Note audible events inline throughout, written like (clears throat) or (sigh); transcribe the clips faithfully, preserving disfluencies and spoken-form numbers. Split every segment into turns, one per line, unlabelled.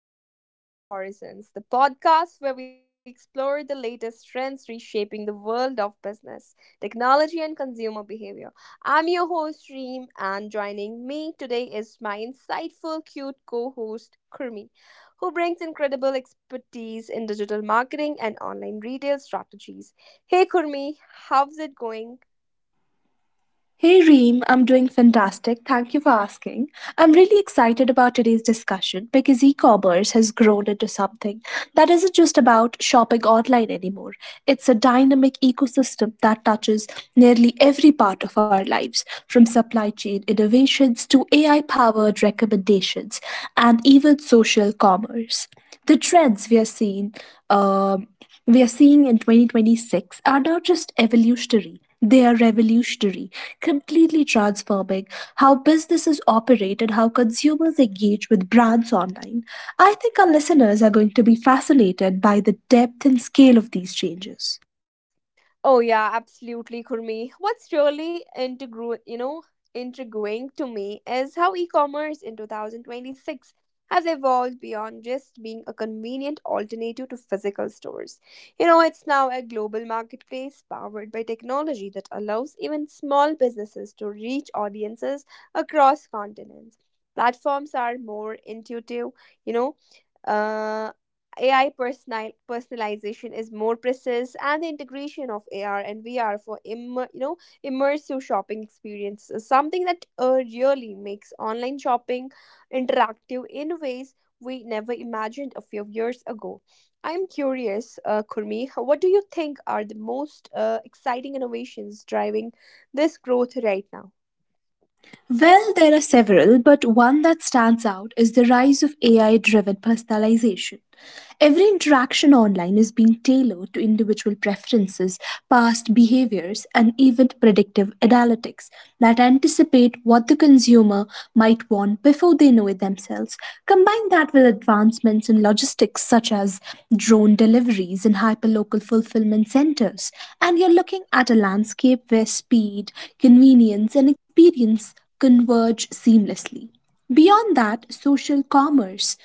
welcome to Digital Horizons, the podcast where we explore the latest trends reshaping the world of business, technology, and consumer behavior. I'm your host, Reem, and joining me today is my insightful, cute co host, Kurmi, who brings incredible expertise in digital marketing and online retail strategies. Hey, Kurmi, how's it going?
Hey Reem, I'm doing fantastic. Thank you for asking. I'm really excited about today's discussion because e commerce has grown into something that isn't just about shopping online anymore. It's a dynamic ecosystem that touches nearly every part of our lives, from supply chain innovations to A I powered recommendations and even social commerce. The trends we are seeing um, we are seeing in twenty twenty-six are not just evolutionary, they are revolutionary, completely transforming how businesses operate and how consumers engage with brands online. I think our listeners are going to be fascinated by the depth and scale of these changes.
Oh yeah, absolutely, Kurmi. What's really integru- you know, intriguing to me is how e-commerce in two thousand twenty-six has evolved beyond just being a convenient alternative to physical stores. You know, it's now a global marketplace powered by technology that allows even small businesses to reach audiences across continents. Platforms are more intuitive. you know, uh. A I personal, personalization is more precise, and the integration of A R and V R for immer, you know immersive shopping experience is something that uh, really makes online shopping interactive in ways we never imagined a few years ago. I'm curious, uh, Kurmi, what do you think are the most uh, exciting innovations driving this growth right now?
Well, there are several, but one that stands out is the rise of A I driven personalization. Every interaction online is being tailored to individual preferences, past behaviors, and even predictive analytics that anticipate what the consumer might want before they know it themselves. Combine that with advancements in logistics such as drone deliveries and hyperlocal fulfillment centers, and you're looking at a landscape where speed, convenience, and experience converge seamlessly. Beyond that, social commerce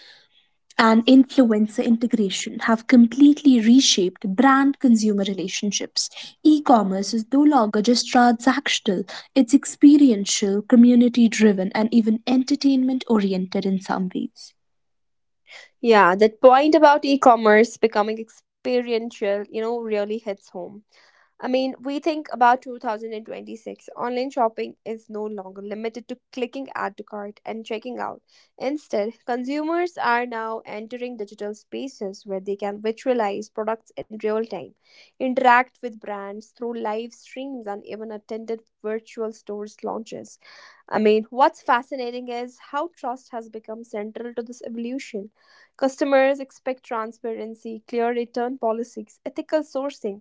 and influencer integration have completely reshaped brand consumer relationships. E commerce is no longer just transactional, it's experiential, community driven, and even entertainment oriented in some ways.
Yeah, that point about e-commerce becoming experiential, you know, really hits home. I mean, we think about two thousand twenty-six. Online shopping is no longer limited to clicking add to cart and checking out. Instead, consumers are now entering digital spaces where they can visualize products in real time, interact with brands through live streams, and even attended virtual stores launches. I mean, what's fascinating is how trust has become central to this evolution. Customers expect transparency, clear return policies, ethical sourcing,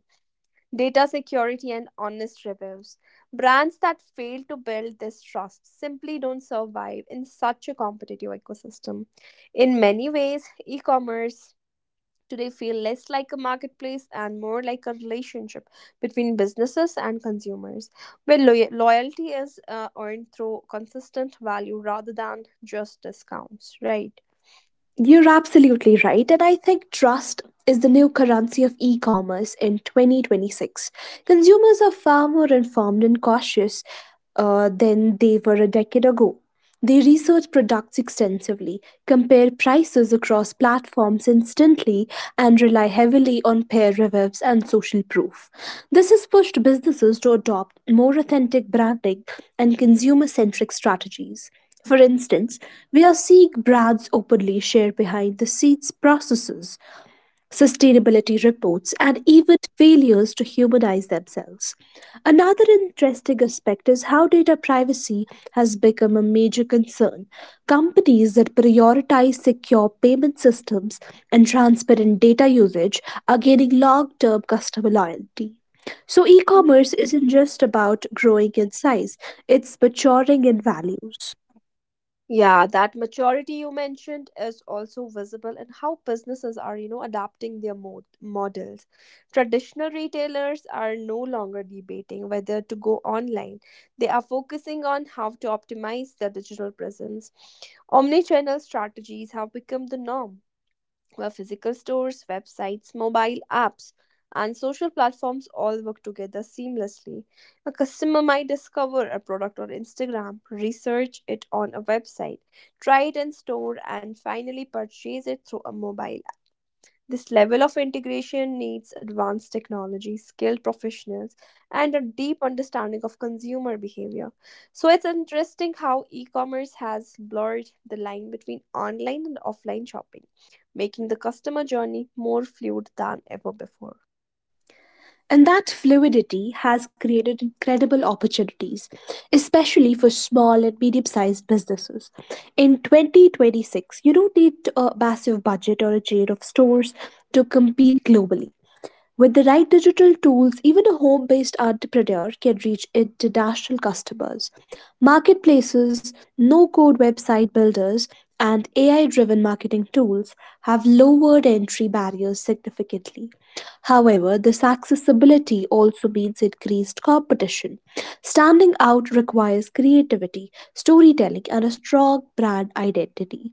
data security, and honest reviews. Brands that fail to build this trust simply don't survive in such a competitive ecosystem. In many ways, e commerce today feels less like a marketplace and more like a relationship between businesses and consumers, where loy- loyalty is uh, earned through consistent value rather than just discounts, right?
You're absolutely right, and I think trust is the new currency of e commerce in twenty twenty-six. Consumers are far more informed and cautious uh, than they were a decade ago. They research products extensively, compare prices across platforms instantly, and rely heavily on peer reviews and social proof. This has pushed businesses to adopt more authentic branding and consumer centric strategies. For instance, we are seeing brands openly share behind the scenes processes, sustainability reports, and even failures to humanize themselves. Another interesting aspect is how data privacy has become a major concern. Companies that prioritize secure payment systems and transparent data usage are gaining long term customer loyalty. So, e
Mhm.
commerce isn't just about growing in size, it's maturing in values.
Yeah, that maturity you mentioned is also visible in how businesses are, you know, adapting their mod- models. Traditional retailers are no longer debating whether to go online. They are focusing on how to optimize their digital presence. Omnichannel strategies have become the norm, where physical stores, websites, mobile apps, and social platforms all work together seamlessly. A customer might discover a product on Instagram, research it on a website, try it in store, and finally purchase it through a mobile. This level of integration needs advanced technology, skilled professionals, and a deep understanding of consumer behavior. So it's interesting how e commerce has blurred the line between online and offline shopping, making the customer journey more fluid than ever before.
And that fluidity has created incredible opportunities, especially for small and medium sized businesses. In twenty twenty-six, you don't need a massive budget or a chain of stores to compete globally. With the right digital tools, even a home based entrepreneur can reach international customers. Marketplaces, no code website builders, and A I driven marketing tools have lowered entry barriers significantly. However, this accessibility also means increased competition. Standing out requires creativity, storytelling, and a strong brand identity.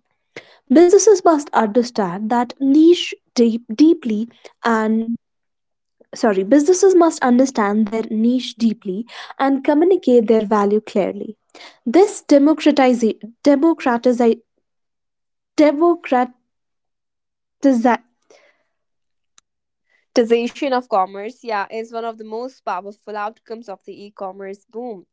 Businesses must understand that niche deep, deeply and sorry Businesses must understand their niche deeply and communicate their value clearly. This democratize democratize democratize
Taxation of commerce, yeah, is one of the most powerful outcomes of the e commerce boom.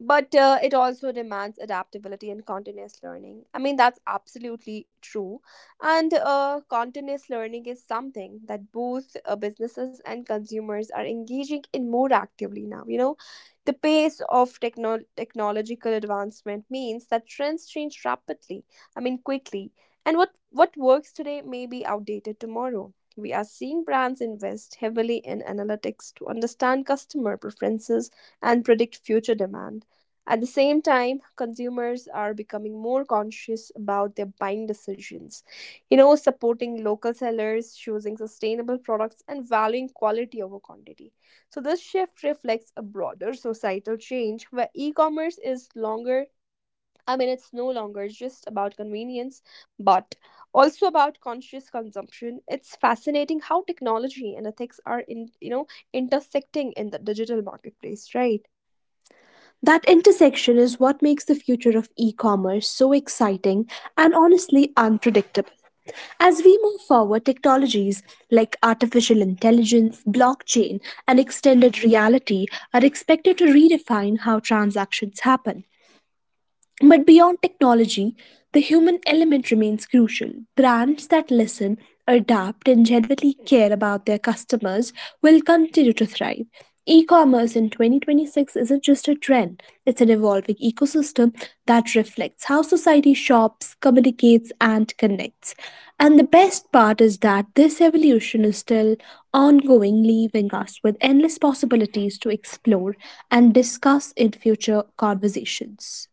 But uh, it also demands adaptability and continuous learning. I mean, that's absolutely true. And uh, continuous learning is something that both uh, businesses and consumers are engaging in more actively now. You know, the pace of techno- technological advancement means that trends change rapidly, I mean, quickly. And what, what works today may be outdated tomorrow. We are seeing brands invest heavily in analytics to understand customer preferences and predict future demand. At the same time, consumers are becoming more conscious about their buying decisions. You know, supporting local sellers, choosing sustainable products, and valuing quality over quantity. So, this shift reflects a broader societal change where e commerce is longer I mean, it's no longer just about convenience, but also about conscious consumption. It's fascinating how technology and ethics are in, you know, intersecting in the digital marketplace, right?
That intersection is what makes the future of e-commerce so exciting and honestly unpredictable. As we move forward, technologies like artificial intelligence, blockchain, and extended reality are expected to redefine how transactions happen. But beyond technology, the human element remains crucial. Brands that listen, adapt, and genuinely care about their customers will continue to thrive. E commerce in twenty twenty-six isn't just a trend, it's an evolving ecosystem that reflects how society shops, communicates, and connects. And the best part is that this evolution is still ongoing, leaving us with endless possibilities to explore and discuss in future conversations.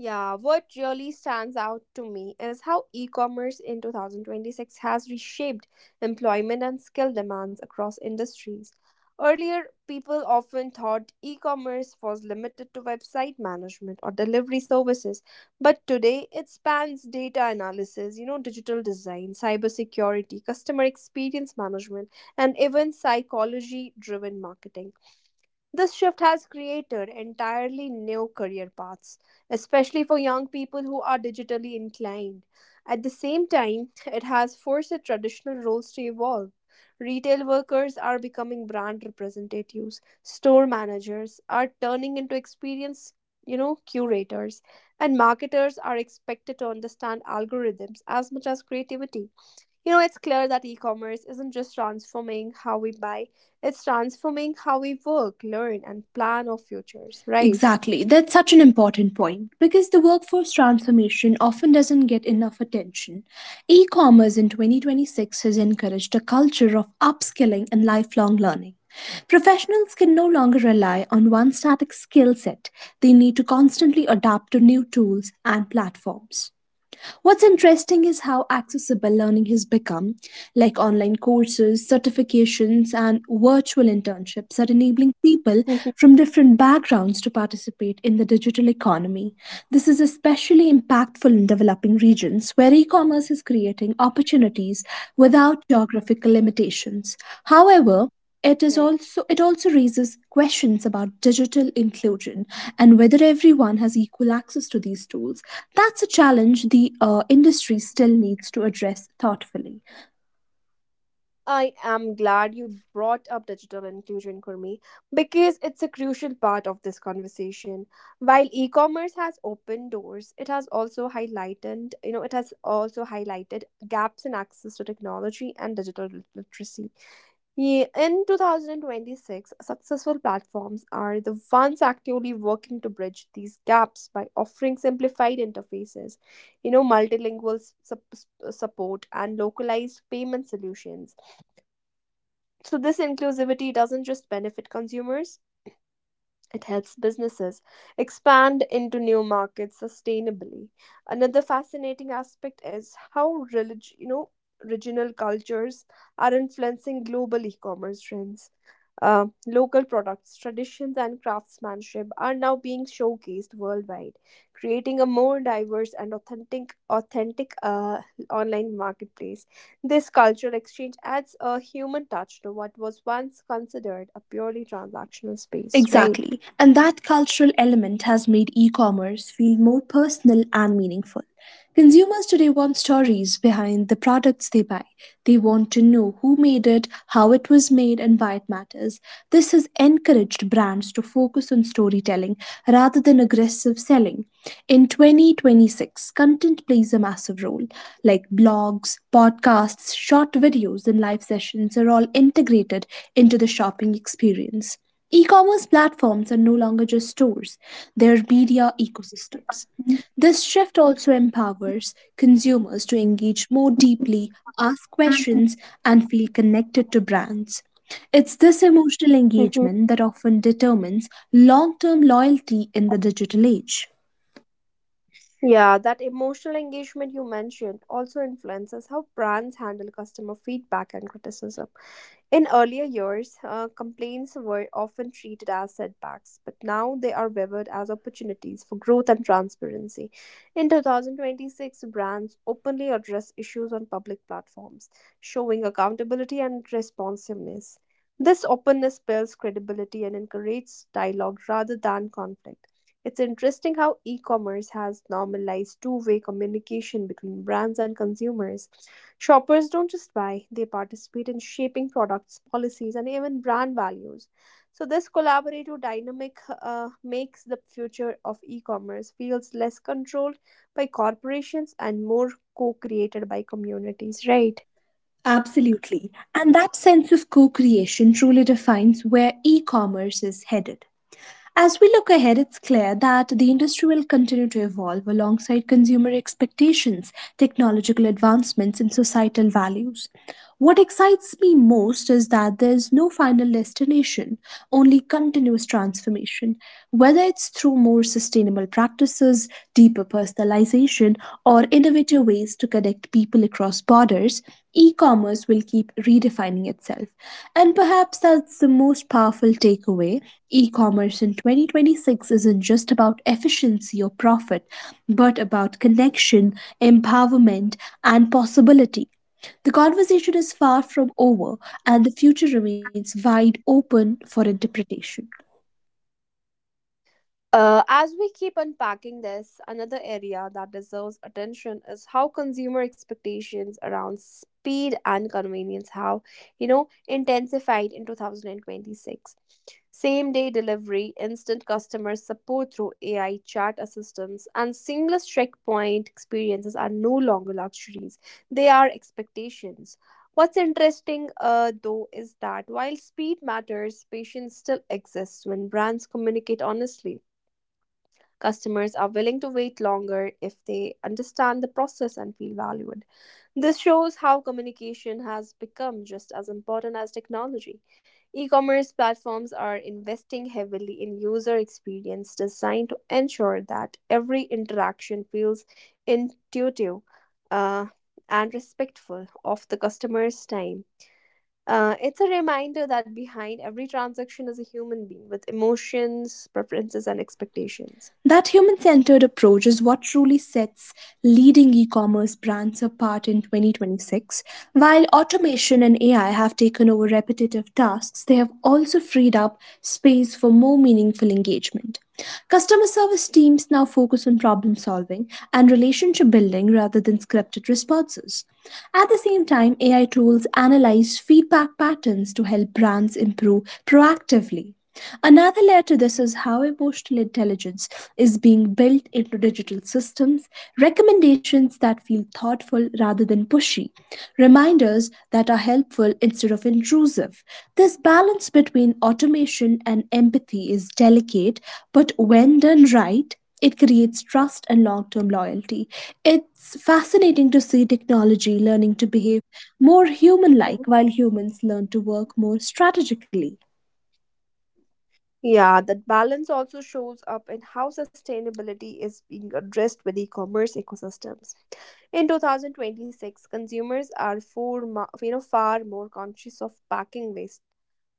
Yeah, what really stands out to me is how e commerce in two thousand twenty-six has reshaped employment and skill demands across industries. Earlier, people often thought e commerce was limited to website management or delivery services, but today it spans data analysis, you know, digital design, cybersecurity, customer experience management, and even psychology driven marketing. This shift has created entirely new career paths, especially for young people who are digitally inclined. At the same time, it has forced the traditional roles to evolve. Retail workers are becoming brand representatives, store managers are turning into experienced, you know, curators, and marketers are expected to understand algorithms as much as creativity. You know, it's clear that e commerce isn't just transforming how we buy, it's transforming how we work, learn, and plan our futures, right?
Exactly. That's such an important point because the workforce transformation often doesn't get enough attention. E commerce in twenty twenty-six has encouraged a culture of upskilling and lifelong learning. Professionals can no longer rely on one static skill set, they need to constantly adapt to new tools and platforms. What's interesting is how accessible learning has become, like online courses, certifications, and virtual internships are enabling people
Mhm.
from different backgrounds to participate in the digital economy. This is especially impactful in developing regions where e commerce is creating opportunities without geographical
Mhm.
limitations. However, it is
Right.
also it also raises questions about digital inclusion and whether everyone has equal access to these tools. That's a challenge the uh, industry still needs to address thoughtfully.
I am glad you brought up digital inclusion, Kurmi, because it's a crucial part of this conversation. While e-commerce has opened doors, it has also highlighted, you know, it has also highlighted gaps in access to technology and digital literacy. Ye- In twenty twenty-six, successful platforms are the ones actively working to bridge these gaps by offering simplified interfaces, you know, multilingual s- sup- s- support and localized payment solutions, so this inclusivity doesn't just benefit consumers, it helps businesses expand into new markets sustainably. Another fascinating aspect is how relig- you know regional cultures are influencing global e-commerce trends. Uh, local products, traditions, and craftsmanship are now being showcased worldwide, creating a more diverse and authentic, authentic uh, online marketplace. This cultural exchange adds a human touch to what was once considered a purely transactional space, right?
Exactly. And that cultural element has made e commerce feel more personal and meaningful. Consumers today want stories behind the products they buy. They want to know who made it, how it was made, and why it matters. This has encouraged brands to focus on storytelling rather than aggressive selling. In twenty twenty-six, content plays a massive role. Like blogs, podcasts, short videos, and live sessions are all integrated into the shopping experience. E commerce platforms are no longer just stores, they are media
Mhm.
ecosystems. This shift also empowers consumers to engage more deeply, ask questions, and feel connected to brands. It's this emotional
Mhm.
engagement that often determines long term loyalty in the digital age.
Yeah, that emotional engagement you mentioned also influences how brands handle customer feedback and criticism. In earlier years, uh, complaints were often treated as setbacks, but now they are viewed as opportunities for growth and transparency. In two thousand twenty-six, brands openly address issues on public platforms, showing accountability and responsiveness. This openness builds credibility and encourages dialogue rather than conflict. It's interesting how e commerce has normalized two way communication between brands and consumers. Shoppers don't just buy, they participate in shaping products, policies, and even brand values. So, this collaborative dynamic uh, makes the future of e commerce feels less controlled by corporations and more co created by communities, right?
Absolutely. And that sense of co creation truly defines where e commerce is headed. As we look ahead, it's clear that the industry will continue to evolve alongside consumer expectations, technological advancements, and societal values. What excites me most is that there's no final destination, only continuous transformation. Whether it's through more sustainable practices, deeper personalization, or innovative ways to connect people across borders, e commerce will keep redefining itself. And perhaps that's the most powerful takeaway. E commerce in twenty twenty-six isn't just about efficiency or profit, but about connection, empowerment, and possibility. The conversation is far from over, and the future remains wide open for interpretation.
Uh, as we keep unpacking this, another area that deserves attention is how consumer expectations around speed and convenience have, you know, intensified in twenty twenty-six. Same day delivery, instant customer support through A I chat assistants, and seamless checkpoint experiences are no longer luxuries, they are expectations. What's interesting, uh, though, is that while speed matters, patience still exists when brands communicate honestly. Customers are willing to wait longer if they understand the process and feel valued. This shows how communication has become just as important as technology. E commerce platforms are investing heavily in user experience design to ensure that every interaction feels intuitive uh, and respectful of the customer's time. Uh, it's a reminder that behind every transaction is a human being with emotions, preferences, and expectations.
That human centered approach is what truly sets leading e commerce brands apart in twenty twenty-six. While automation and A I have taken over repetitive tasks, they have also freed up space for more meaningful engagement. Customer service teams now focus on problem solving and relationship building rather than scripted responses. At the same time, A I tools analyze feedback patterns to help brands improve proactively. Another layer to this is how emotional intelligence is being built into digital systems, recommendations that feel thoughtful rather than pushy, reminders that are helpful instead of intrusive. This balance between automation and empathy is delicate, but when done right, it creates trust and long term loyalty. It's fascinating to see technology learning to behave more human like
Mhm.
while humans learn to work more strategically.
Yeah, that balance also shows up in how sustainability is being addressed with e-commerce ecosystems. In twenty twenty-six, consumers are for, you know, far more conscious of packing waste,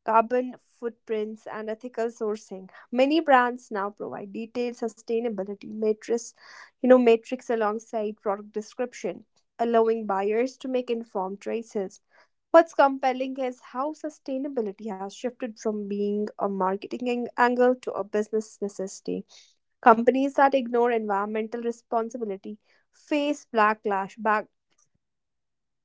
carbon footprints, and ethical sourcing. Many brands now provide detailed sustainability matrix, you know, matrix alongside product description, allowing buyers to make informed choices. What's compelling is how sustainability has shifted from being a marketing ang- angle to a business necessity. Companies that ignore environmental responsibility face backlash back (clears throat) sorry.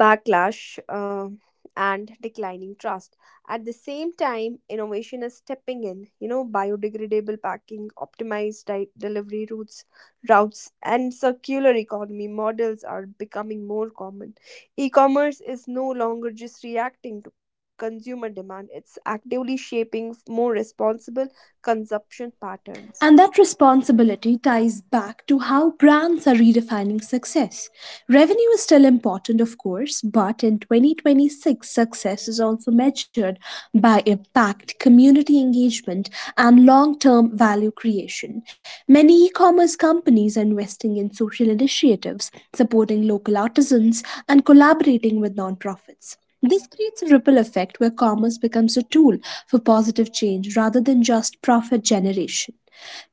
Backlash uh, and declining trust. At the same time, innovation is stepping in. You know, biodegradable packing, optimized di- delivery routes routes, and circular economy models are becoming more common. E-commerce is no longer just reacting to consumer demand, it's actively shaping more responsible consumption patterns.
And that responsibility ties back to how brands are redefining success. Revenue is still important, of course, but in twenty twenty-six, success is also measured by impact, community engagement, and long term value creation. Many e commerce companies are investing in social initiatives, supporting local artisans, and collaborating with nonprofits. This creates a ripple effect where commerce becomes a tool for positive change rather than just profit generation.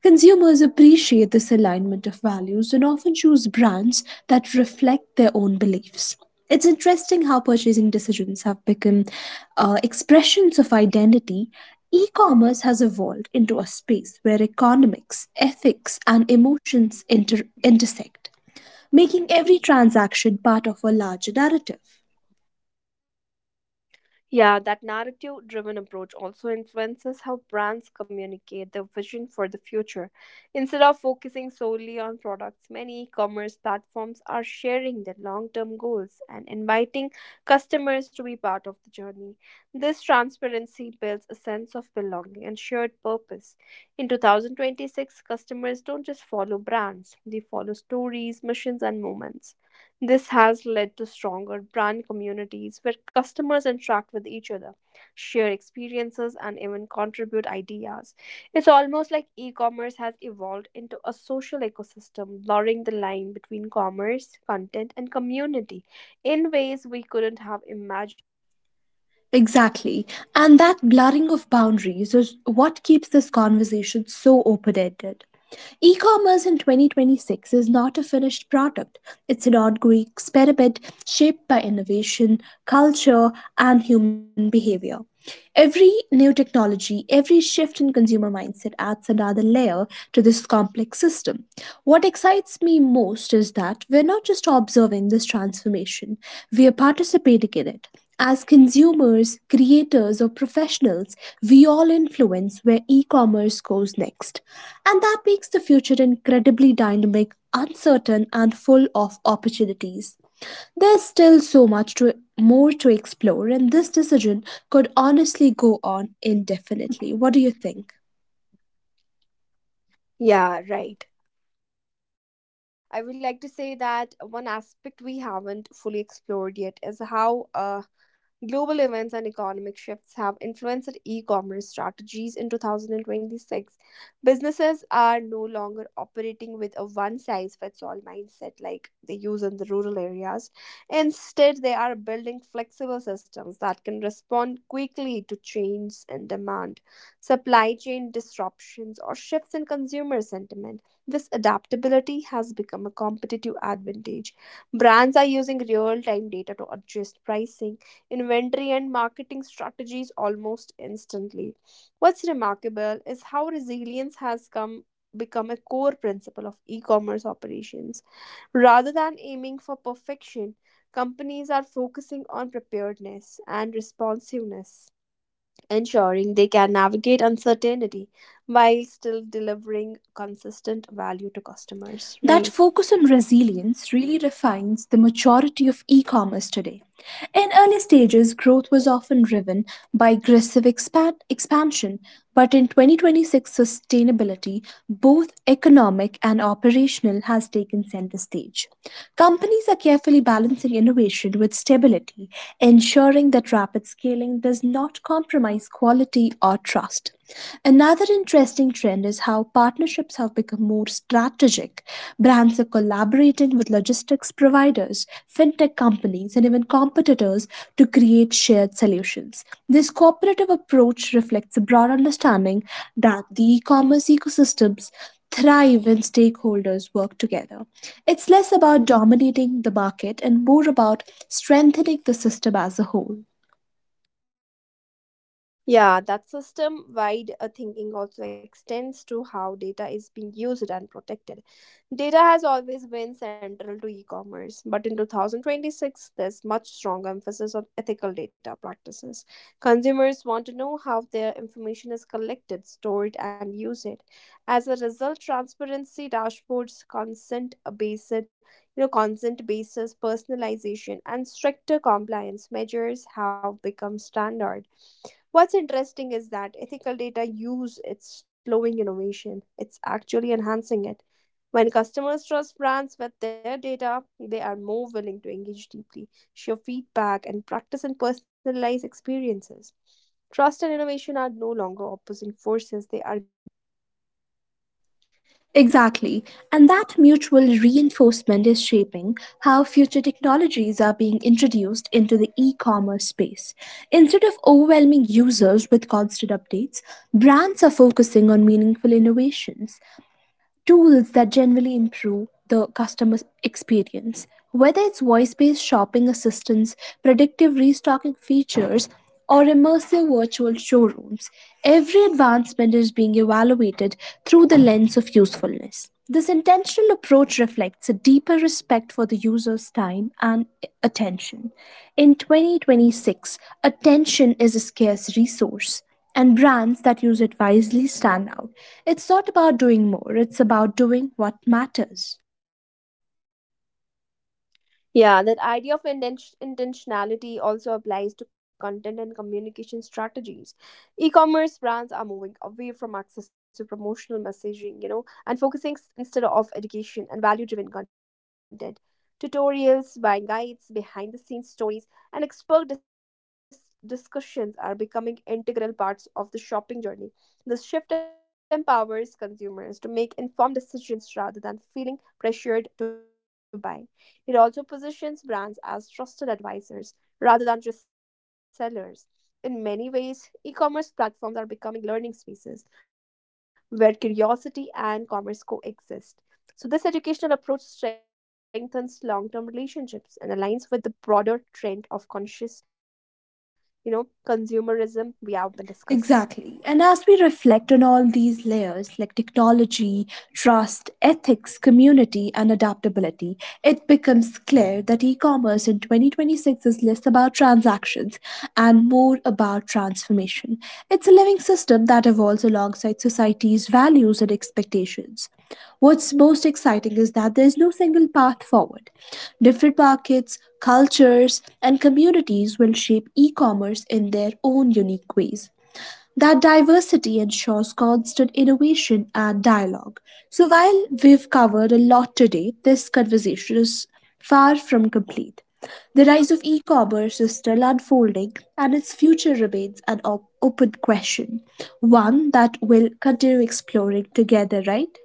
Consumers appreciate this alignment of values and often choose brands that reflect their own beliefs. It's interesting how purchasing decisions have become uh, expressions of identity. E commerce has evolved into a space where economics, ethics, and emotions inter- intersect, making every transaction part of a larger narrative.
Yeah, that narrative driven approach also influences how brands communicate their vision for the future. Instead of focusing solely on products, many e commerce platforms are sharing their long term goals and inviting customers to be part of the journey. This transparency builds a sense of belonging and shared purpose. In twenty twenty-six, customers don't just follow brands, they follow stories, missions, and moments. This has led to stronger brand communities where customers interact with each other, share experiences, and even contribute ideas. It's almost like e commerce has evolved into a social ecosystem, blurring the line between commerce, content, and community in ways we couldn't have imagined a decade ago.
Exactly. And that blurring of boundaries is what keeps this conversation so open ended. E commerce in twenty twenty-six is not a finished product, it's an ongoing experiment shaped by innovation, culture, and human behavior. Every new technology, every shift in consumer mindset adds another layer to this complex system. What excites me most is that we're not just observing this transformation, we are participating in it. As consumers, creators, or professionals, we all influence where e commerce goes next. And that makes the future incredibly dynamic, uncertain, and full of opportunities. There's still so much to, more to explore, and this decision could honestly go on indefinitely. What do you think?
Yeah, right. I would like to say that one aspect we haven't fully explored yet is how uh, global events and economic shifts have influenced e commerce strategies in two thousand twenty-six. Businesses are no longer operating with a one size fits all mindset like they use in the rural areas. Instead, they are building flexible systems that can respond quickly to changes in demand, supply chain disruptions, or shifts in consumer sentiment. This adaptability has become a competitive advantage. Brands are using real time data to adjust pricing, inventory, and marketing strategies almost instantly. What's remarkable is how resilience has come become a core principle of e-commerce operations. Rather than aiming for perfection, companies are focusing on preparedness and responsiveness, ensuring they can navigate uncertainty while still delivering consistent value to customers,
That
right?
focus on resilience really refines the maturity of e commerce today. In early stages, growth was often driven by aggressive expan- expansion, but in twenty twenty-six, sustainability, both economic and operational, has taken center stage. Companies are carefully balancing innovation with stability, ensuring that rapid scaling does not compromise quality or trust. Another interesting trend is how partnerships have become more strategic. Brands are collaborating with logistics providers, fintech companies, and even competitors to create shared solutions. This cooperative approach reflects a broad understanding that the e commerce ecosystems thrive when stakeholders work together. It's less about dominating the market and more about strengthening the system as a whole.
Yeah, that system wide uh, thinking also extends to how data is being used and protected. Data has always been central to e commerce, but in two thousand twenty-six, there's much stronger emphasis on ethical data practices. Consumers want to know how their information is collected, stored, and used. As a result, transparency dashboards, consent based you know consent basis personalization and stricter compliance measures have become standard. What's interesting is that ethical data use it's slowing innovation. It's actually enhancing it. When customers trust brands with their data, they are more willing to engage deeply, share feedback, and practice in personalized experiences. Trust and innovation are no longer opposing forces, they are mutually reinforcing.
Exactly, and that mutual reinforcement is shaping how future technologies are being introduced into the e commerce space. Instead of overwhelming users with constant updates, brands are focusing on meaningful innovations, tools that generally improve the customer experience. Whether it's voice based shopping assistance, predictive restocking features, or immersive virtual showrooms, every advancement is being evaluated through the lens of usefulness. This intentional approach reflects a deeper respect for the user's time and attention. In twenty twenty-six, attention is a scarce resource. And brands that use it wisely stand out. It's not about doing more, it's about doing what matters.
Yeah, that idea of inten- intentionality also applies to content and communication strategies. E commerce brands are moving away from excessive promotional messaging, you know, and focusing s- instead of education and value driven content. Tutorials, buying guides, behind the scenes stories, and expert dis- discussions are becoming integral parts of the shopping journey. This shift empowers consumers to make informed decisions rather than feeling pressured to buy. It also positions brands as trusted advisors rather than just sellers. In many ways, e commerce platforms are becoming learning spaces where curiosity and commerce coexist. So, this educational approach strengthens long term relationships and aligns with the broader trend of conscious, you know, consumerism we have been discussing.
Exactly. And as we reflect on all these layers like technology, trust, ethics, community, and adaptability, it becomes clear that e commerce in twenty twenty-six is less about transactions and more about transformation. It's a living system that evolves alongside society's values and expectations. What's most exciting is that there's no single path forward. Different markets, cultures, and communities will shape e commerce in their own unique ways. That diversity ensures constant innovation and dialogue. So, while we've covered a lot today, this conversation is far from complete. The rise of e commerce is still unfolding, and its future remains an op- open question, one that we'll continue exploring together, right?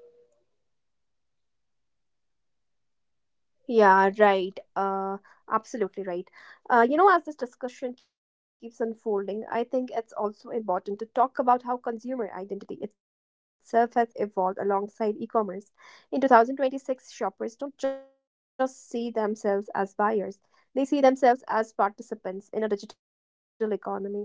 Yeah, right. Uh, absolutely right. Uh, you know, as this discussion keeps unfolding, I think it's also important to talk about how consumer identity itself has evolved alongside e-commerce. In two thousand twenty-six, shoppers don't just see themselves as buyers, they see themselves as participants in a digital economy.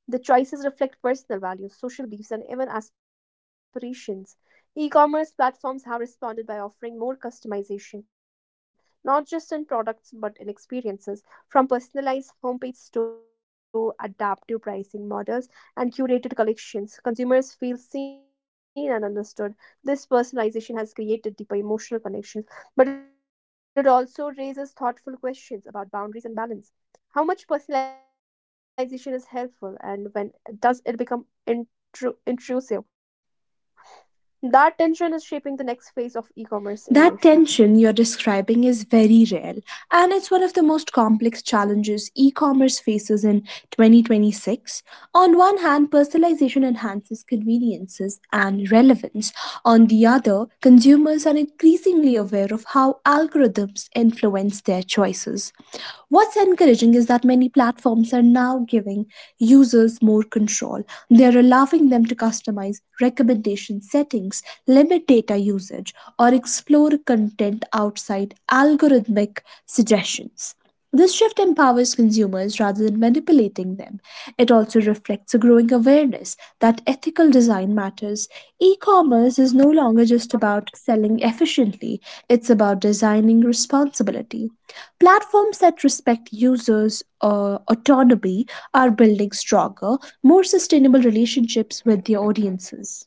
The choices reflect personal values, social beliefs, and even aspirations. E commerce platforms have responded by offering more customization, not just in products but in experiences, from personalized homepages to adaptive pricing models and curated collections. Consumers feel seen and understood. This personalization has created deeper emotional connections, but it also raises thoughtful questions about boundaries and balance. How much personalization is helpful and when does it become intru- intrusive? That tension is shaping the next phase of e commerce
That tension
innovation.
you're describing is very real, and it's one of the most complex challenges e commerce faces in twenty twenty-six. On one hand, personalization enhances conveniences and relevance. On the other, consumers are increasingly aware of how algorithms influence their choices. What's encouraging is that many platforms are now giving users more control. They're allowing them to customize recommendation settings, limit data usage, or explore content outside algorithmic suggestions. This shift empowers consumers rather than manipulating them. It also reflects a growing awareness that ethical design matters. E commerce is no longer just about selling efficiently, it's about designing responsibility. Platforms that respect users' uh, autonomy are building stronger, more sustainable relationships with their audiences.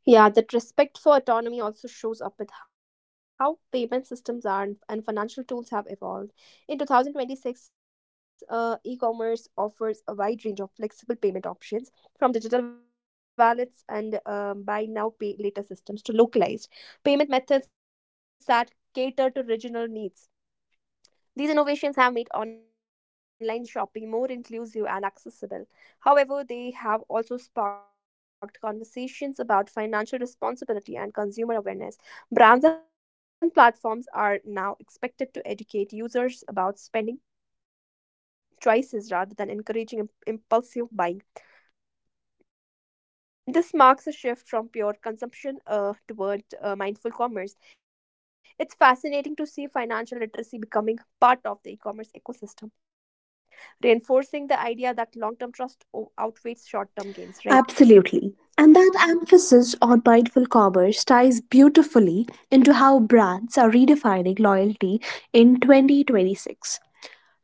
Yeah, that respect for autonomy also shows up with how payment systems are and and financial tools have evolved. In twenty twenty-six, uh, e commerce offers a wide range of flexible payment options from digital wallets and um, buy now, pay later systems to localized payment methods that cater to regional needs. These innovations have made online shopping more inclusive and accessible. However, they have also sparked conversations about financial responsibility and consumer awareness. Brands and platforms are now expected to educate users about spending choices rather than encouraging im- impulsive buying. This marks a shift from pure consumption uh, toward uh, mindful commerce. It's fascinating to see financial literacy becoming part of the e commerce ecosystem, reinforcing the idea that long term trust o- outweighs short term gains, right?
Absolutely. And that emphasis on mindful commerce ties beautifully into how brands are redefining loyalty in twenty twenty-six.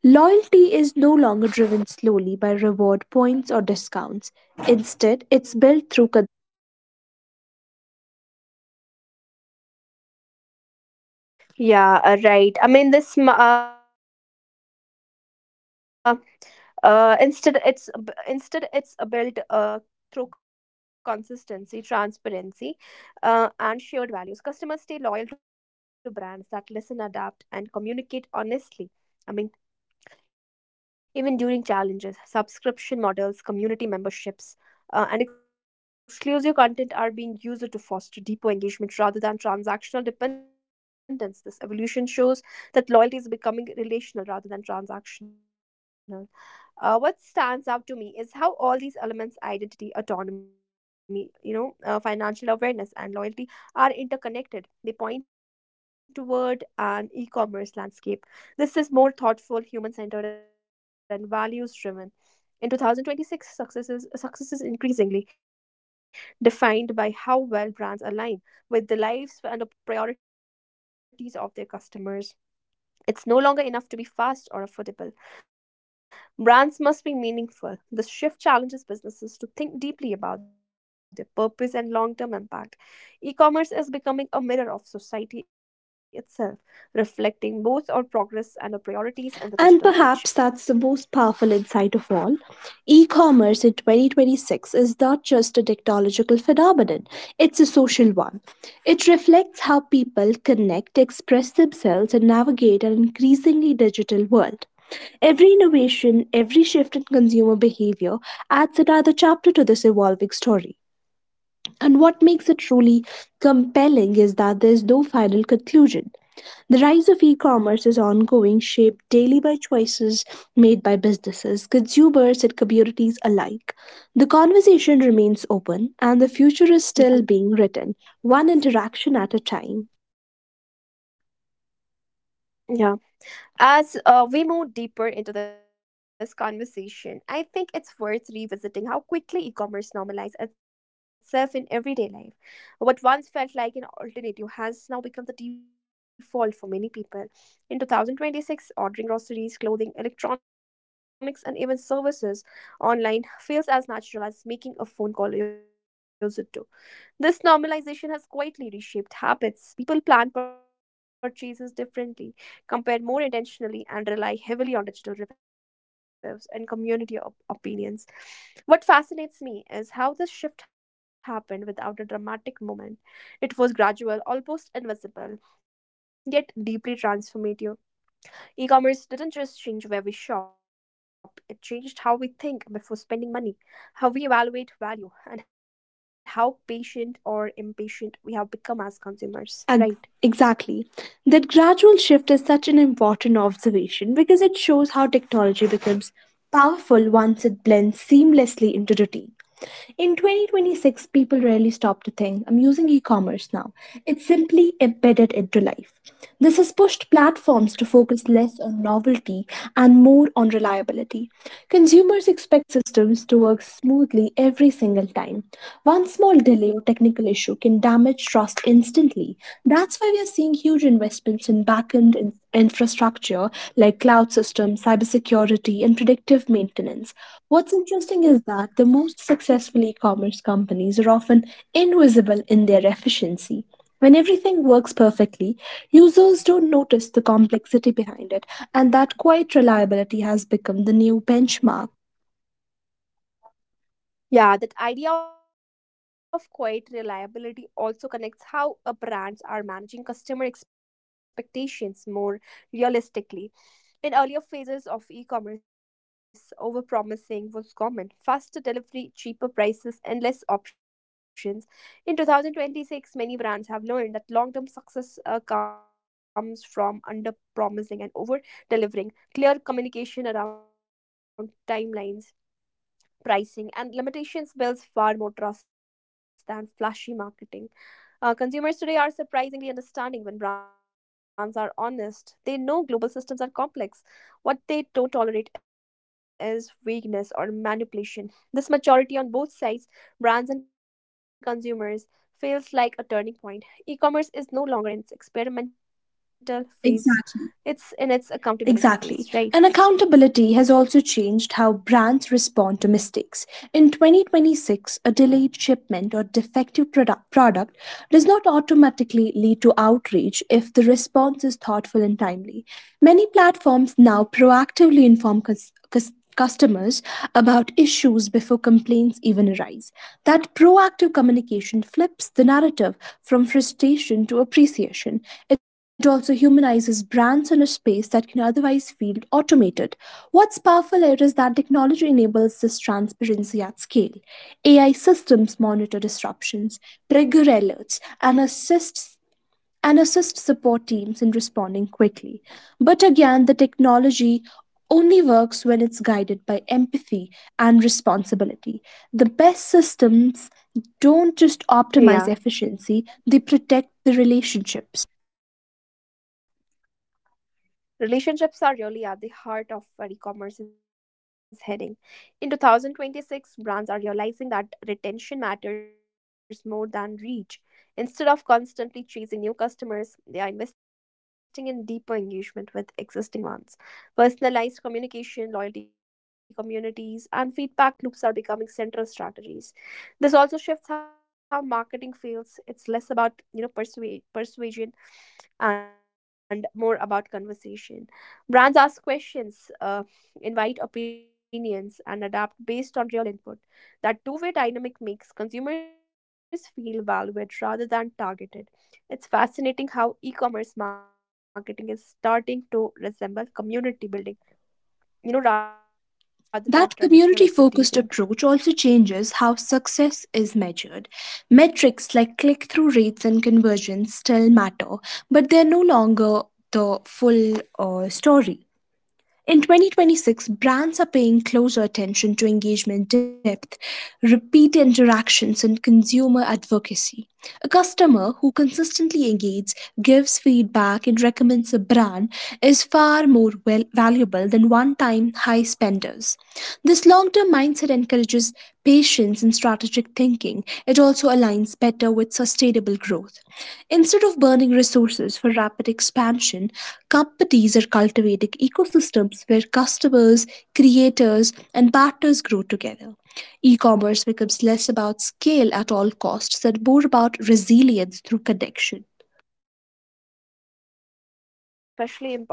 Loyalty is no longer driven slowly by reward points or discounts. Instead, it's built through.
Yeah, uh, right. I mean, this ma- uh, Uh, instead, it's ab- Instead, it's a built uh, through consistency, transparency, uh, and shared values. Customers stay loyal to brands that listen, adapt, and communicate honestly. I mean, even during challenges, subscription models, community memberships, uh, and exclusive content are being used to foster deeper engagement rather than transactional dependence. This evolution shows that loyalty is becoming relational rather than transactional. Uh, what stands out to me is how all these elements, identity, autonomy, you know uh, financial awareness, and loyalty are interconnected. They point toward an e-commerce landscape this is more thoughtful, human-centered, and values-driven. In two thousand twenty-six, success is, success is increasingly defined by how well brands align with the lives and the priorities of their customers. It's no longer enough to be fast or affordable. Brands must be meaningful. This shift challenges businesses to think deeply about their purpose and long term impact. E commerce is becoming a mirror of society itself, reflecting both our progress and our priorities
And
in the
perhaps
digital
that's the
age.
most powerful insight of all. E commerce in twenty twenty-six is not just a technological phenomenon, it's a social one. It reflects how people connect, express themselves, and navigate an increasingly digital world. Every innovation, every shift in consumer behavior adds another chapter to this evolving story. And what makes it truly compelling is that there's no final conclusion. The rise of e commerce is ongoing, shaped daily by choices made by businesses, consumers, and communities alike. The conversation remains open, and the future is
Mhm.
still being written, one interaction at a time.
Yeah. As uh, we move deeper into this conversation, I think it's worth revisiting how quickly e commerce normalized itself in everyday life. What once felt like an alternative has now become the default for many people. In twenty twenty-six, ordering groceries, clothing, electronics, and even services online feels as natural as making a phone call years ago. This normalization has quietly reshaped habits. People plan purchases differently, compare more intentionally, and rely heavily on digital reviews and community op- opinions. What fascinates me is how this shift happened without a dramatic moment. It was gradual, almost invisible, yet deeply transformative. E commerce didn't just change where we shop, it changed how we think before spending money, how we evaluate value, and how patient or impatient we have become as
Ag-
consumers. Right.
Exactly. That gradual shift is such an important observation because it shows how technology becomes powerful once it blends seamlessly into routine. In twenty twenty-six, people rarely stop to think, I'm using e commerce now. It's simply embedded into life. This has pushed platforms to focus less on novelty and more on reliability. Consumers expect systems to work smoothly every single time. One small delay technical issue can damage trust instantly. That's why we are seeing huge investments in backend in- infrastructure like cloud systems, cybersecurity, and predictive maintenance. What's interesting is that the most successful e commerce companies are often invisible in their efficiency. When everything works perfectly, users don't notice the complexity behind it, and that quiet reliability has become the new benchmark.
Yeah, that idea of quiet reliability also connects how uh, brands are managing customer expectations more realistically. In earlier phases of e-commerce, overpromising was common. Faster delivery, cheaper prices, endless options. In twenty twenty-six, many brands have learned that long-term success uh, comes from under-promising and over-delivering. Clear communication around timelines, pricing, and limitations builds far more trust than flashy marketing. Uh, consumers today are surprisingly understanding when brands are honest. They know global systems are complex. What they don't tolerate is weakness or manipulation. This maturity on both sides, brands and consumers, feels like a turning point. E commerce is no longer in its experimental phase,
Exactly.
it's in its accountability
Exactly.
phase,
And
right?
accountability has also changed how brands respond to mistakes. In twenty twenty-six, a delayed shipment or defective product, product does not automatically lead to outrage if the response is thoughtful and timely. Many platforms now proactively inform cus- cus- customers about issues before complaints even arise. That proactive communication flips the narrative from frustration to appreciation. It also humanizes brands in a space that can otherwise feel automated. What's powerful here is that technology enables this transparency at scale. A I systems monitor disruptions, trigger alerts, and assist and assist support teams in responding quickly. But again, the technology only works when it's guided by empathy and responsibility. The best systems don't just
Yeah,
optimize efficiency, they protect the relationships.
relationships are really at the heart of where e-commerce is heading. In twenty twenty-six, brands are realizing that retention matters more than reach. Instead of constantly chasing new customers, they are investing in deeper engagement with existing ones. Personalized communication, loyalty communities, and feedback loops are becoming central strategies. This also shifts how marketing feels. It's less about, you know, persuade, persuasion and more about conversation. Brands ask questions, uh, invite opinions, and adapt based on real input. That two way dynamic makes consumers feel valued rather than targeted. It's fascinating how e commerce marketing is starting to resemble community building, you know, rather than
That
traditional
community focused
advertising.
approach also changes how success is measured. Metrics like click through rates and conversions still matter, but they're no longer the full uh, story. In twenty twenty-six, brands are paying closer attention to engagement depth, repeat interactions, and consumer advocacy. A customer who consistently engages, gives feedback, and recommends a brand is far more well- valuable than one time high spenders. This long term mindset encourages patience and strategic thinking. It also aligns better with sustainable growth. Instead of burning resources for rapid expansion, companies are cultivating ecosystems where customers, creators, and partners grow together. E commerce becomes less about scale at all costs and more about resilience through connection.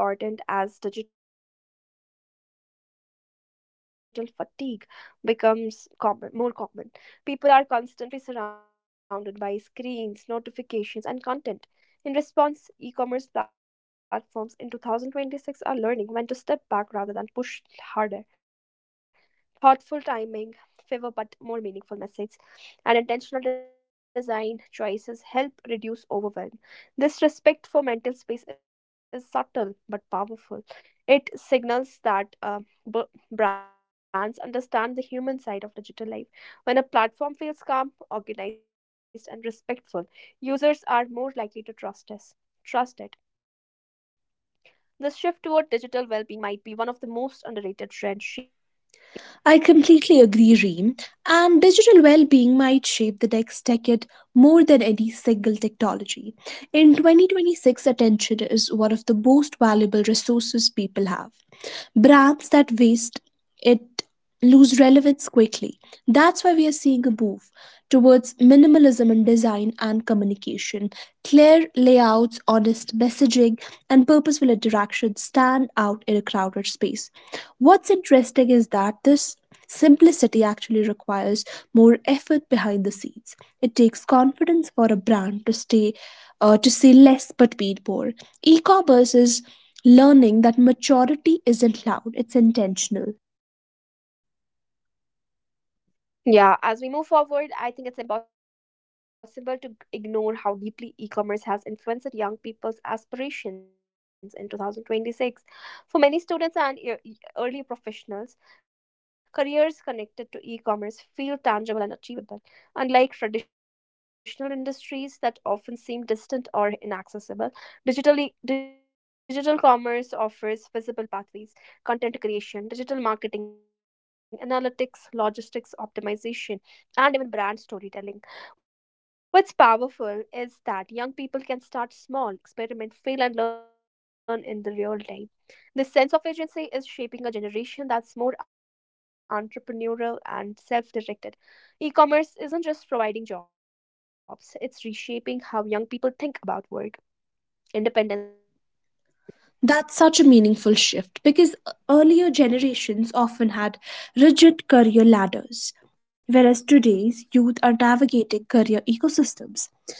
Yeah, that resilience is, is especially important as digital fatigue becomes common, more common. People are constantly surrounded by screens, notifications, and content. In response, e commerce platforms in twenty twenty-six are learning when to step back rather than push harder. Thoughtful timing favor but more meaningful message and intentional design choices help reduce overwhelm. This respect for mental space is subtle but powerful. It signals that uh, b- brands understand the human side of digital life. When a platform feels calm, organized, and respectful, users are more likely to trust us trust it. The shift toward digital well being might be one of the most underrated trends shaping e
I
commerce right
completely
now.
agree,
Do you
Reem,
agree with that?
and digital well being might shape the next decade more than any single technology. In twenty twenty-six, attention is one of the most valuable resources people have. Brands that waste it lose relevance quickly. That's why we are seeing a move towards minimalism in design and communication. Clear layouts, honest messaging, and purposeful interaction stand out in a crowded space. What's interesting is that this simplicity actually requires more effort behind the scenes. It takes confidence for a brand to stay uh, to say less but mean more. E-commerce is learning that maturity isn't loud, it's intentional.
Yeah, as we move forward, I think it's impossible to g- ignore how deeply e commerce has influenced young people's aspirations in two thousand twenty-six. For many students and e- e- early professionals, careers connected to e commerce feel tangible and achievable. Unlike traditional industries that often seem distant or inaccessible, digitally, digital commerce offers visible pathways, content creation, digital marketing, analytics, logistics optimization, and even brand storytelling. What's powerful is that young people can start small, experiment, fail, and learn in the real time. This sense of agency is shaping a generation that's more entrepreneurial and self directed. E commerce isn't just providing jobs, it's reshaping how young people think about work, independence, and long term
That's
growth.
such a meaningful
Right.
shift because earlier generations often had rigid career ladders, whereas today's youth are navigating career ecosystems.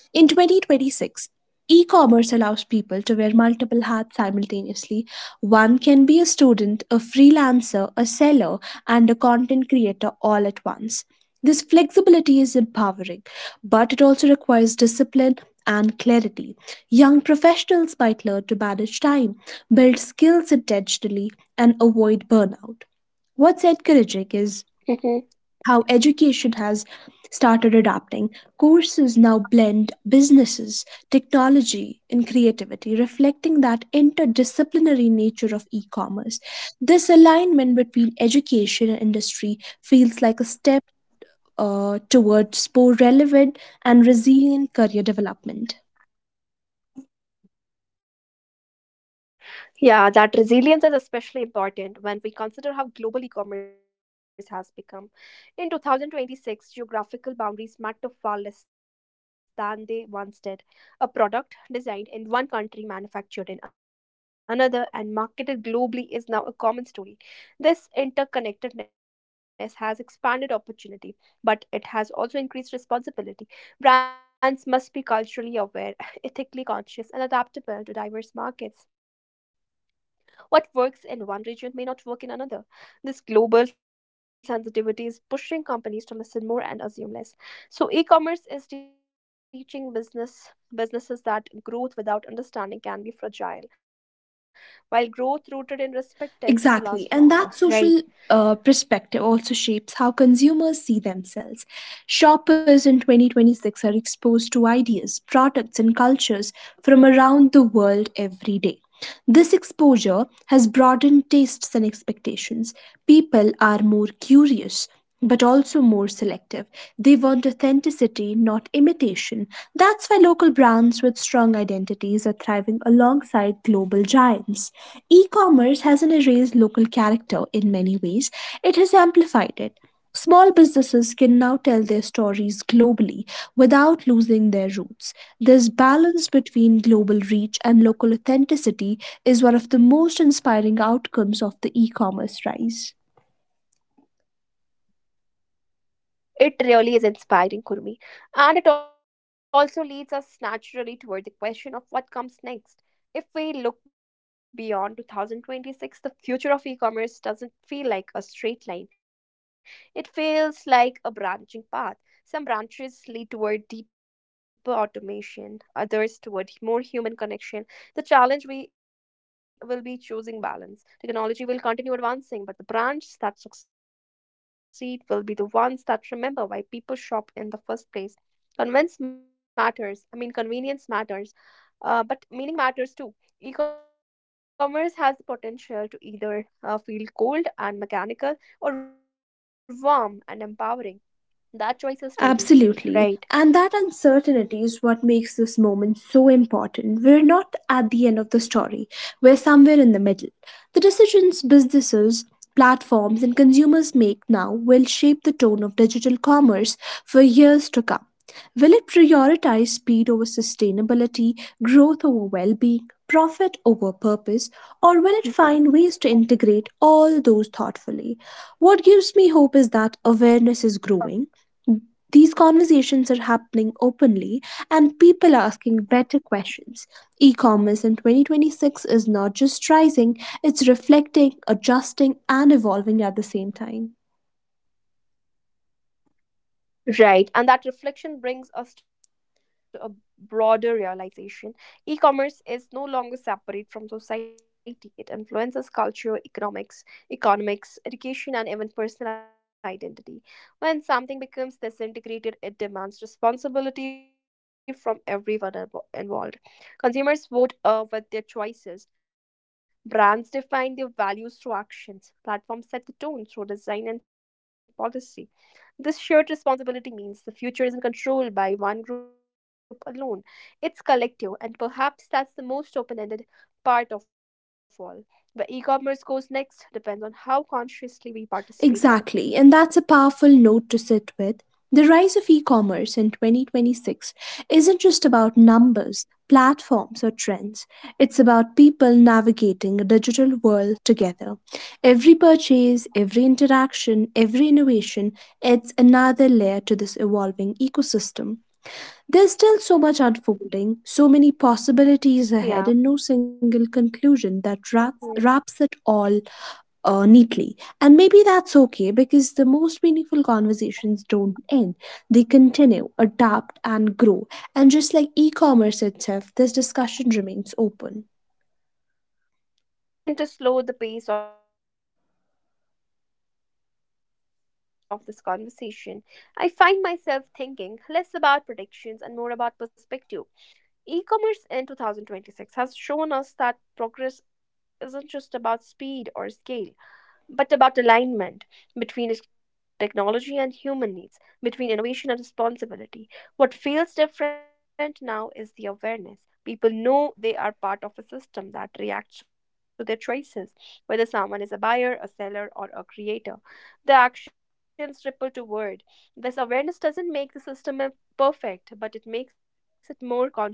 In twenty twenty-six, e commerce allows people to wear multiple hats simultaneously. One can be a student, a freelancer, a seller, and a content creator all at once. This flexibility is empowering, but it also requires discipline and clarity. Young professionals might learn to manage time, build skills intentionally, and avoid burnout. What's encouraging is how education has started adapting.
(laughs)
Courses now blend businesses, technology, and creativity, reflecting that interdisciplinary nature of e commerce. This alignment between education and industry feels like a step uh, towards more relevant and resilient career development.
Yeah, that resilience is especially important when we consider how global e-commerce has become. In twenty twenty-six, geographical boundaries matter far less than they once did. A product designed in one country, manufactured in another, and marketed globally is now a common story. This interconnectedness has expanded opportunity, but it has also increased responsibility. Brands must be culturally aware, (laughs) ethically conscious, and adaptable to diverse markets. What works in one region may not work in another. This global sensitivity is pushing companies to listen more and assume less. So e-commerce is teaching business businesses that growth without understanding can be fragile, while growth rooted in respect tends to
Exactly.
last
And that
longer,
social
right?
uh, perspective also shapes how consumers see themselves. Shoppers in twenty twenty-six are exposed to ideas, products, and cultures from around the world every day. This exposure has broadened tastes and expectations. People are more curious, but also more selective. They want authenticity, not imitation. That's why local brands with strong identities are thriving alongside global giants. E commerce hasn't erased local character; in many ways, it has amplified it. Small businesses can now tell their stories globally without losing their roots. This balance between global reach and local authenticity is one of the most inspiring outcomes of the e commerce rise.
It really is inspiring, Kurmi. And it also leads us naturally toward the question of what comes next. If we look beyond twenty twenty-six, the future of e commerce doesn't feel like a straight line, it feels like a branching path. Some branches lead toward deeper automation, others toward more human connection. The challenge we will be choosing balance. Technology will continue advancing, but the brands that succeed will be the ones that remember why people shop in the first place. Convince matters. I mean, Convenience matters, uh, but meaning matters too. E-commerce has the potential to either uh, feel cold and mechanical or warm and empowering. That choice is still being
Absolutely.
made,
And that
right?
uncertainty is what makes this moment so important. We're not at the end of the story, we're somewhere in the middle. The decisions businesses, platforms, and consumers make now will shape the tone of digital commerce for years to come. Will it prioritize speed over sustainability, growth over well being, profit over purpose, or will it find ways to integrate all those thoughtfully? What gives me hope is that awareness is growing, these conversations are happening openly, and people are asking better questions. E commerce in twenty twenty-six is not just rising, it's reflecting, adjusting, and evolving at the same time.
Right, and that reflection brings us to a broader realization. E commerce is no longer separate from society, it influences culture, economics, economics, education, and even personal identity. When something becomes disintegrated, it demands responsibility from everyone invo- involved. Consumers vote uh, with their choices. Brands define their values through actions. Platforms set the tone through design and policy. This shared responsibility means the future isn't controlled by one group alone, it's collective, and perhaps that's the most open ended part of all. Where e commerce goes next depends on how consciously we participate
Exactly,
in
and
it,
that's a
right?
powerful note to sit with. The rise of e commerce in twenty twenty-six isn't just about numbers, platforms, or trends. It's about people navigating a digital world together. Every purchase, every interaction, every innovation adds another layer to this evolving ecosystem. There's still so much unfolding, so many possibilities
Yeah.
ahead, and no single conclusion that wraps,
Mhm.
wraps it all uh, neatly. And maybe that's okay because the most meaningful conversations don't end. They continue, adapt, and grow. And just like e commerce itself, this discussion remains open.
Yeah, as we begin to slow the pace of this conversation, I find myself thinking less about predictions and more about perspective. E-commerce in two thousand twenty-six has shown us that progress isn't just about speed or scale, but about alignment between technology and human needs, between innovation and responsibility. What feels different now is the awareness. People know they are part of a system that reacts to their choices, whether someone is a buyer, a seller, or a creator. The actions ripple toward. This awareness doesn't make the system perfect, but it makes it more conscious,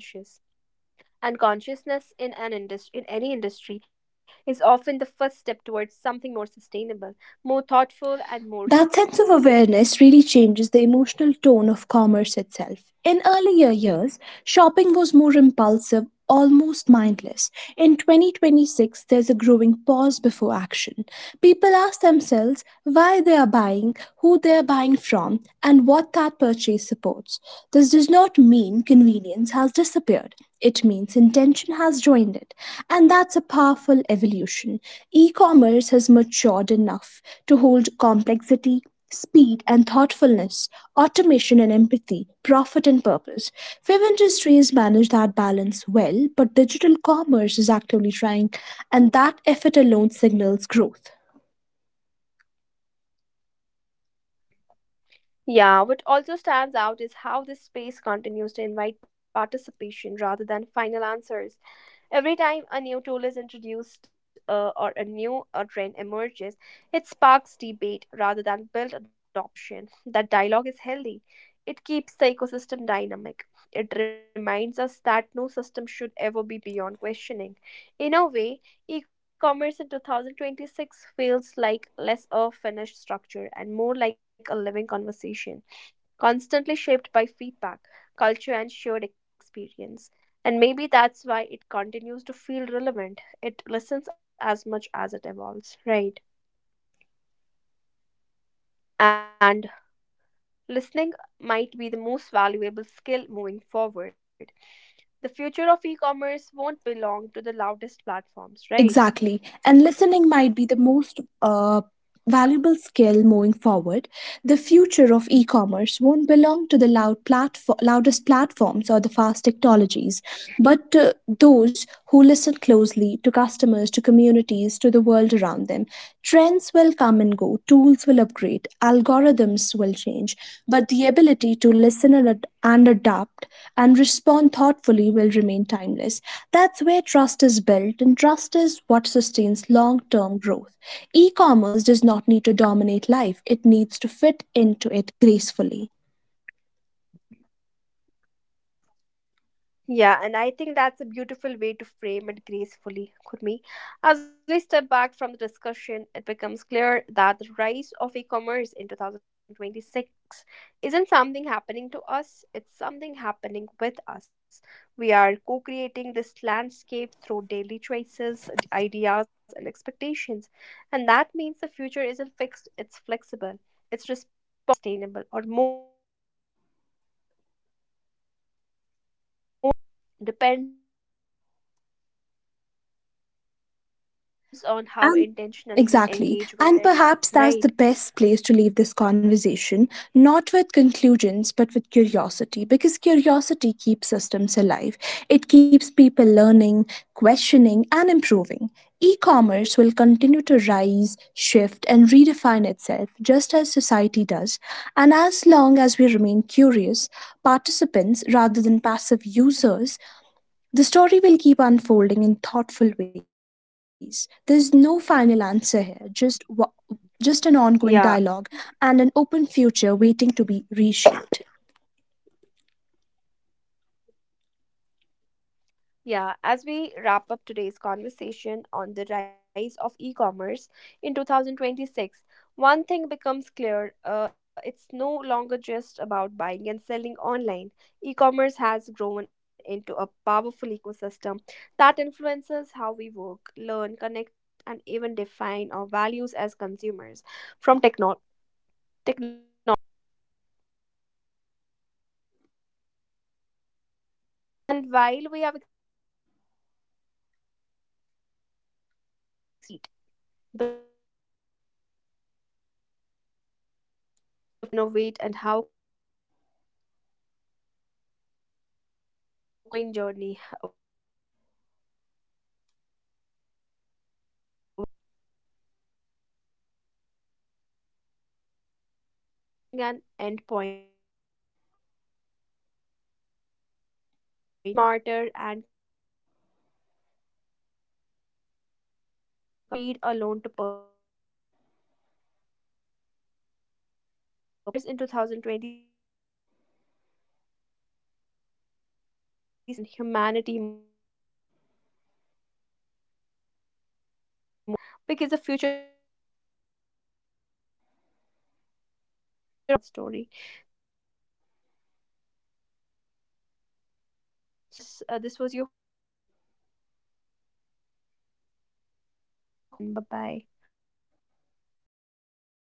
and consciousness in an industry, in any industry, is often the first step towards something more sustainable, more thoughtful, and more
That sense
human,
of
right?
awareness really changes the emotional tone of commerce itself. In earlier years, shopping was more impulsive, almost mindless. In twenty twenty-six, there's a growing pause before action. People ask themselves why they are buying, who they are buying from, and what that purchase supports. This does not mean convenience has disappeared. It means intention has joined it, and that's a powerful evolution. E commerce has matured enough to hold complexity, speed, and thoughtfulness, automation and empathy, profit and purpose. Few industries manage that balance well, but digital commerce is actively trying, and that effort alone signals growth.
Yeah, what also stands out is how this space continues to invite participation rather than final answers. Every time a new tool is introduced, uh, or a new uh, trend emerges, it sparks debate rather than build adoption. That dialogue is healthy. It keeps the ecosystem dynamic. It reminds us that no system should ever be beyond questioning. In a way, e commerce in twenty twenty-six feels like less a finished structure and more like a living conversation, constantly shaped by feedback, culture, and shared experience. And maybe that's why it continues to feel relevant. It listens as much as it evolves, right? And listening might be the most valuable skill moving forward. The future of e commerce won't belong to the loudest platforms, right?
Exactly. And listening might be the most uh, valuable skill moving forward. The future of e commerce won't belong to the loud platform, loudest platforms or the fast technologies, but to those who listen closely to customers, to communities, to the world around them. Trends will come and go, tools will upgrade, algorithms will change change, but the ability to listen and ad- and adapt and respond thoughtfully will remain timeless. That's where trust is built, and trust is what sustains long term growth. E commerce does not need to dominate life, it needs to fit into it gracefully.
Yeah, and I think that's a beautiful way to frame it gracefully, Kurmi. As we step back from the discussion, it becomes clear that the rise of e commerce in twenty twenty-six isn't something happening to us, it's something happening with us. We are co creating this landscape through daily choices, d- ideas, and expectations. And that means the future isn't fixed, it's flexible, it's responsive, it's open. Whether e commerce becomes more humane, more sustainable, or more meaningful uh, depends on how
And
intentionally we engage
exactly.
with
And
it,
perhaps that's
right?
the best place to leave this conversation, not with conclusions, but with curiosity, because curiosity keeps systems alive. It keeps people learning, questioning, and improving. E commerce will continue to rise, shift, and redefine itself just as society does. And as long as we remain curious participants rather than passive users, the story will keep unfolding in thoughtful ways. There's no final answer here, just wa- just an ongoing dialogue
Yeah.
and an open future waiting to be reshaped.
Yeah, as we wrap up today's conversation on the rise of e commerce in two thousand twenty-six, one thing becomes clear, uh, it's no longer just about buying and selling online. E commerce has grown into a powerful ecosystem that influences how we work, learn, connect, and even define our values as consumers. From techno- technology and trust to sustainability and global access. This space continues to evolve alongside society itself. And while we have explored many angles today, the story is far from complete. The future of e commerce will depend on how responsibly businesses innovate and how consciously consumers engage. It's an ongoing journey, one shaped by everyday choices and shared responsibility. And e-commerce isn't uh, reaching an end point, it's entering a more thoughtful phase. As platforms grow smarter and consumers grow more aware, the focus shifts from speed alone to purpose, balance, and impact. The rise of commerce, e-commerce in two thousand twenty-six shows up that progress works best when innovation and humanity move together. And with that, we leave the conversation open, because the future of e commerce is still being written, and all of us are part of that story. So it's time to bid a goodbye. Thank you for listening to us. Uh, this was your host, Reem, with my co host, Kurmi. We'll catch you in the next episode. Till then, bye bye.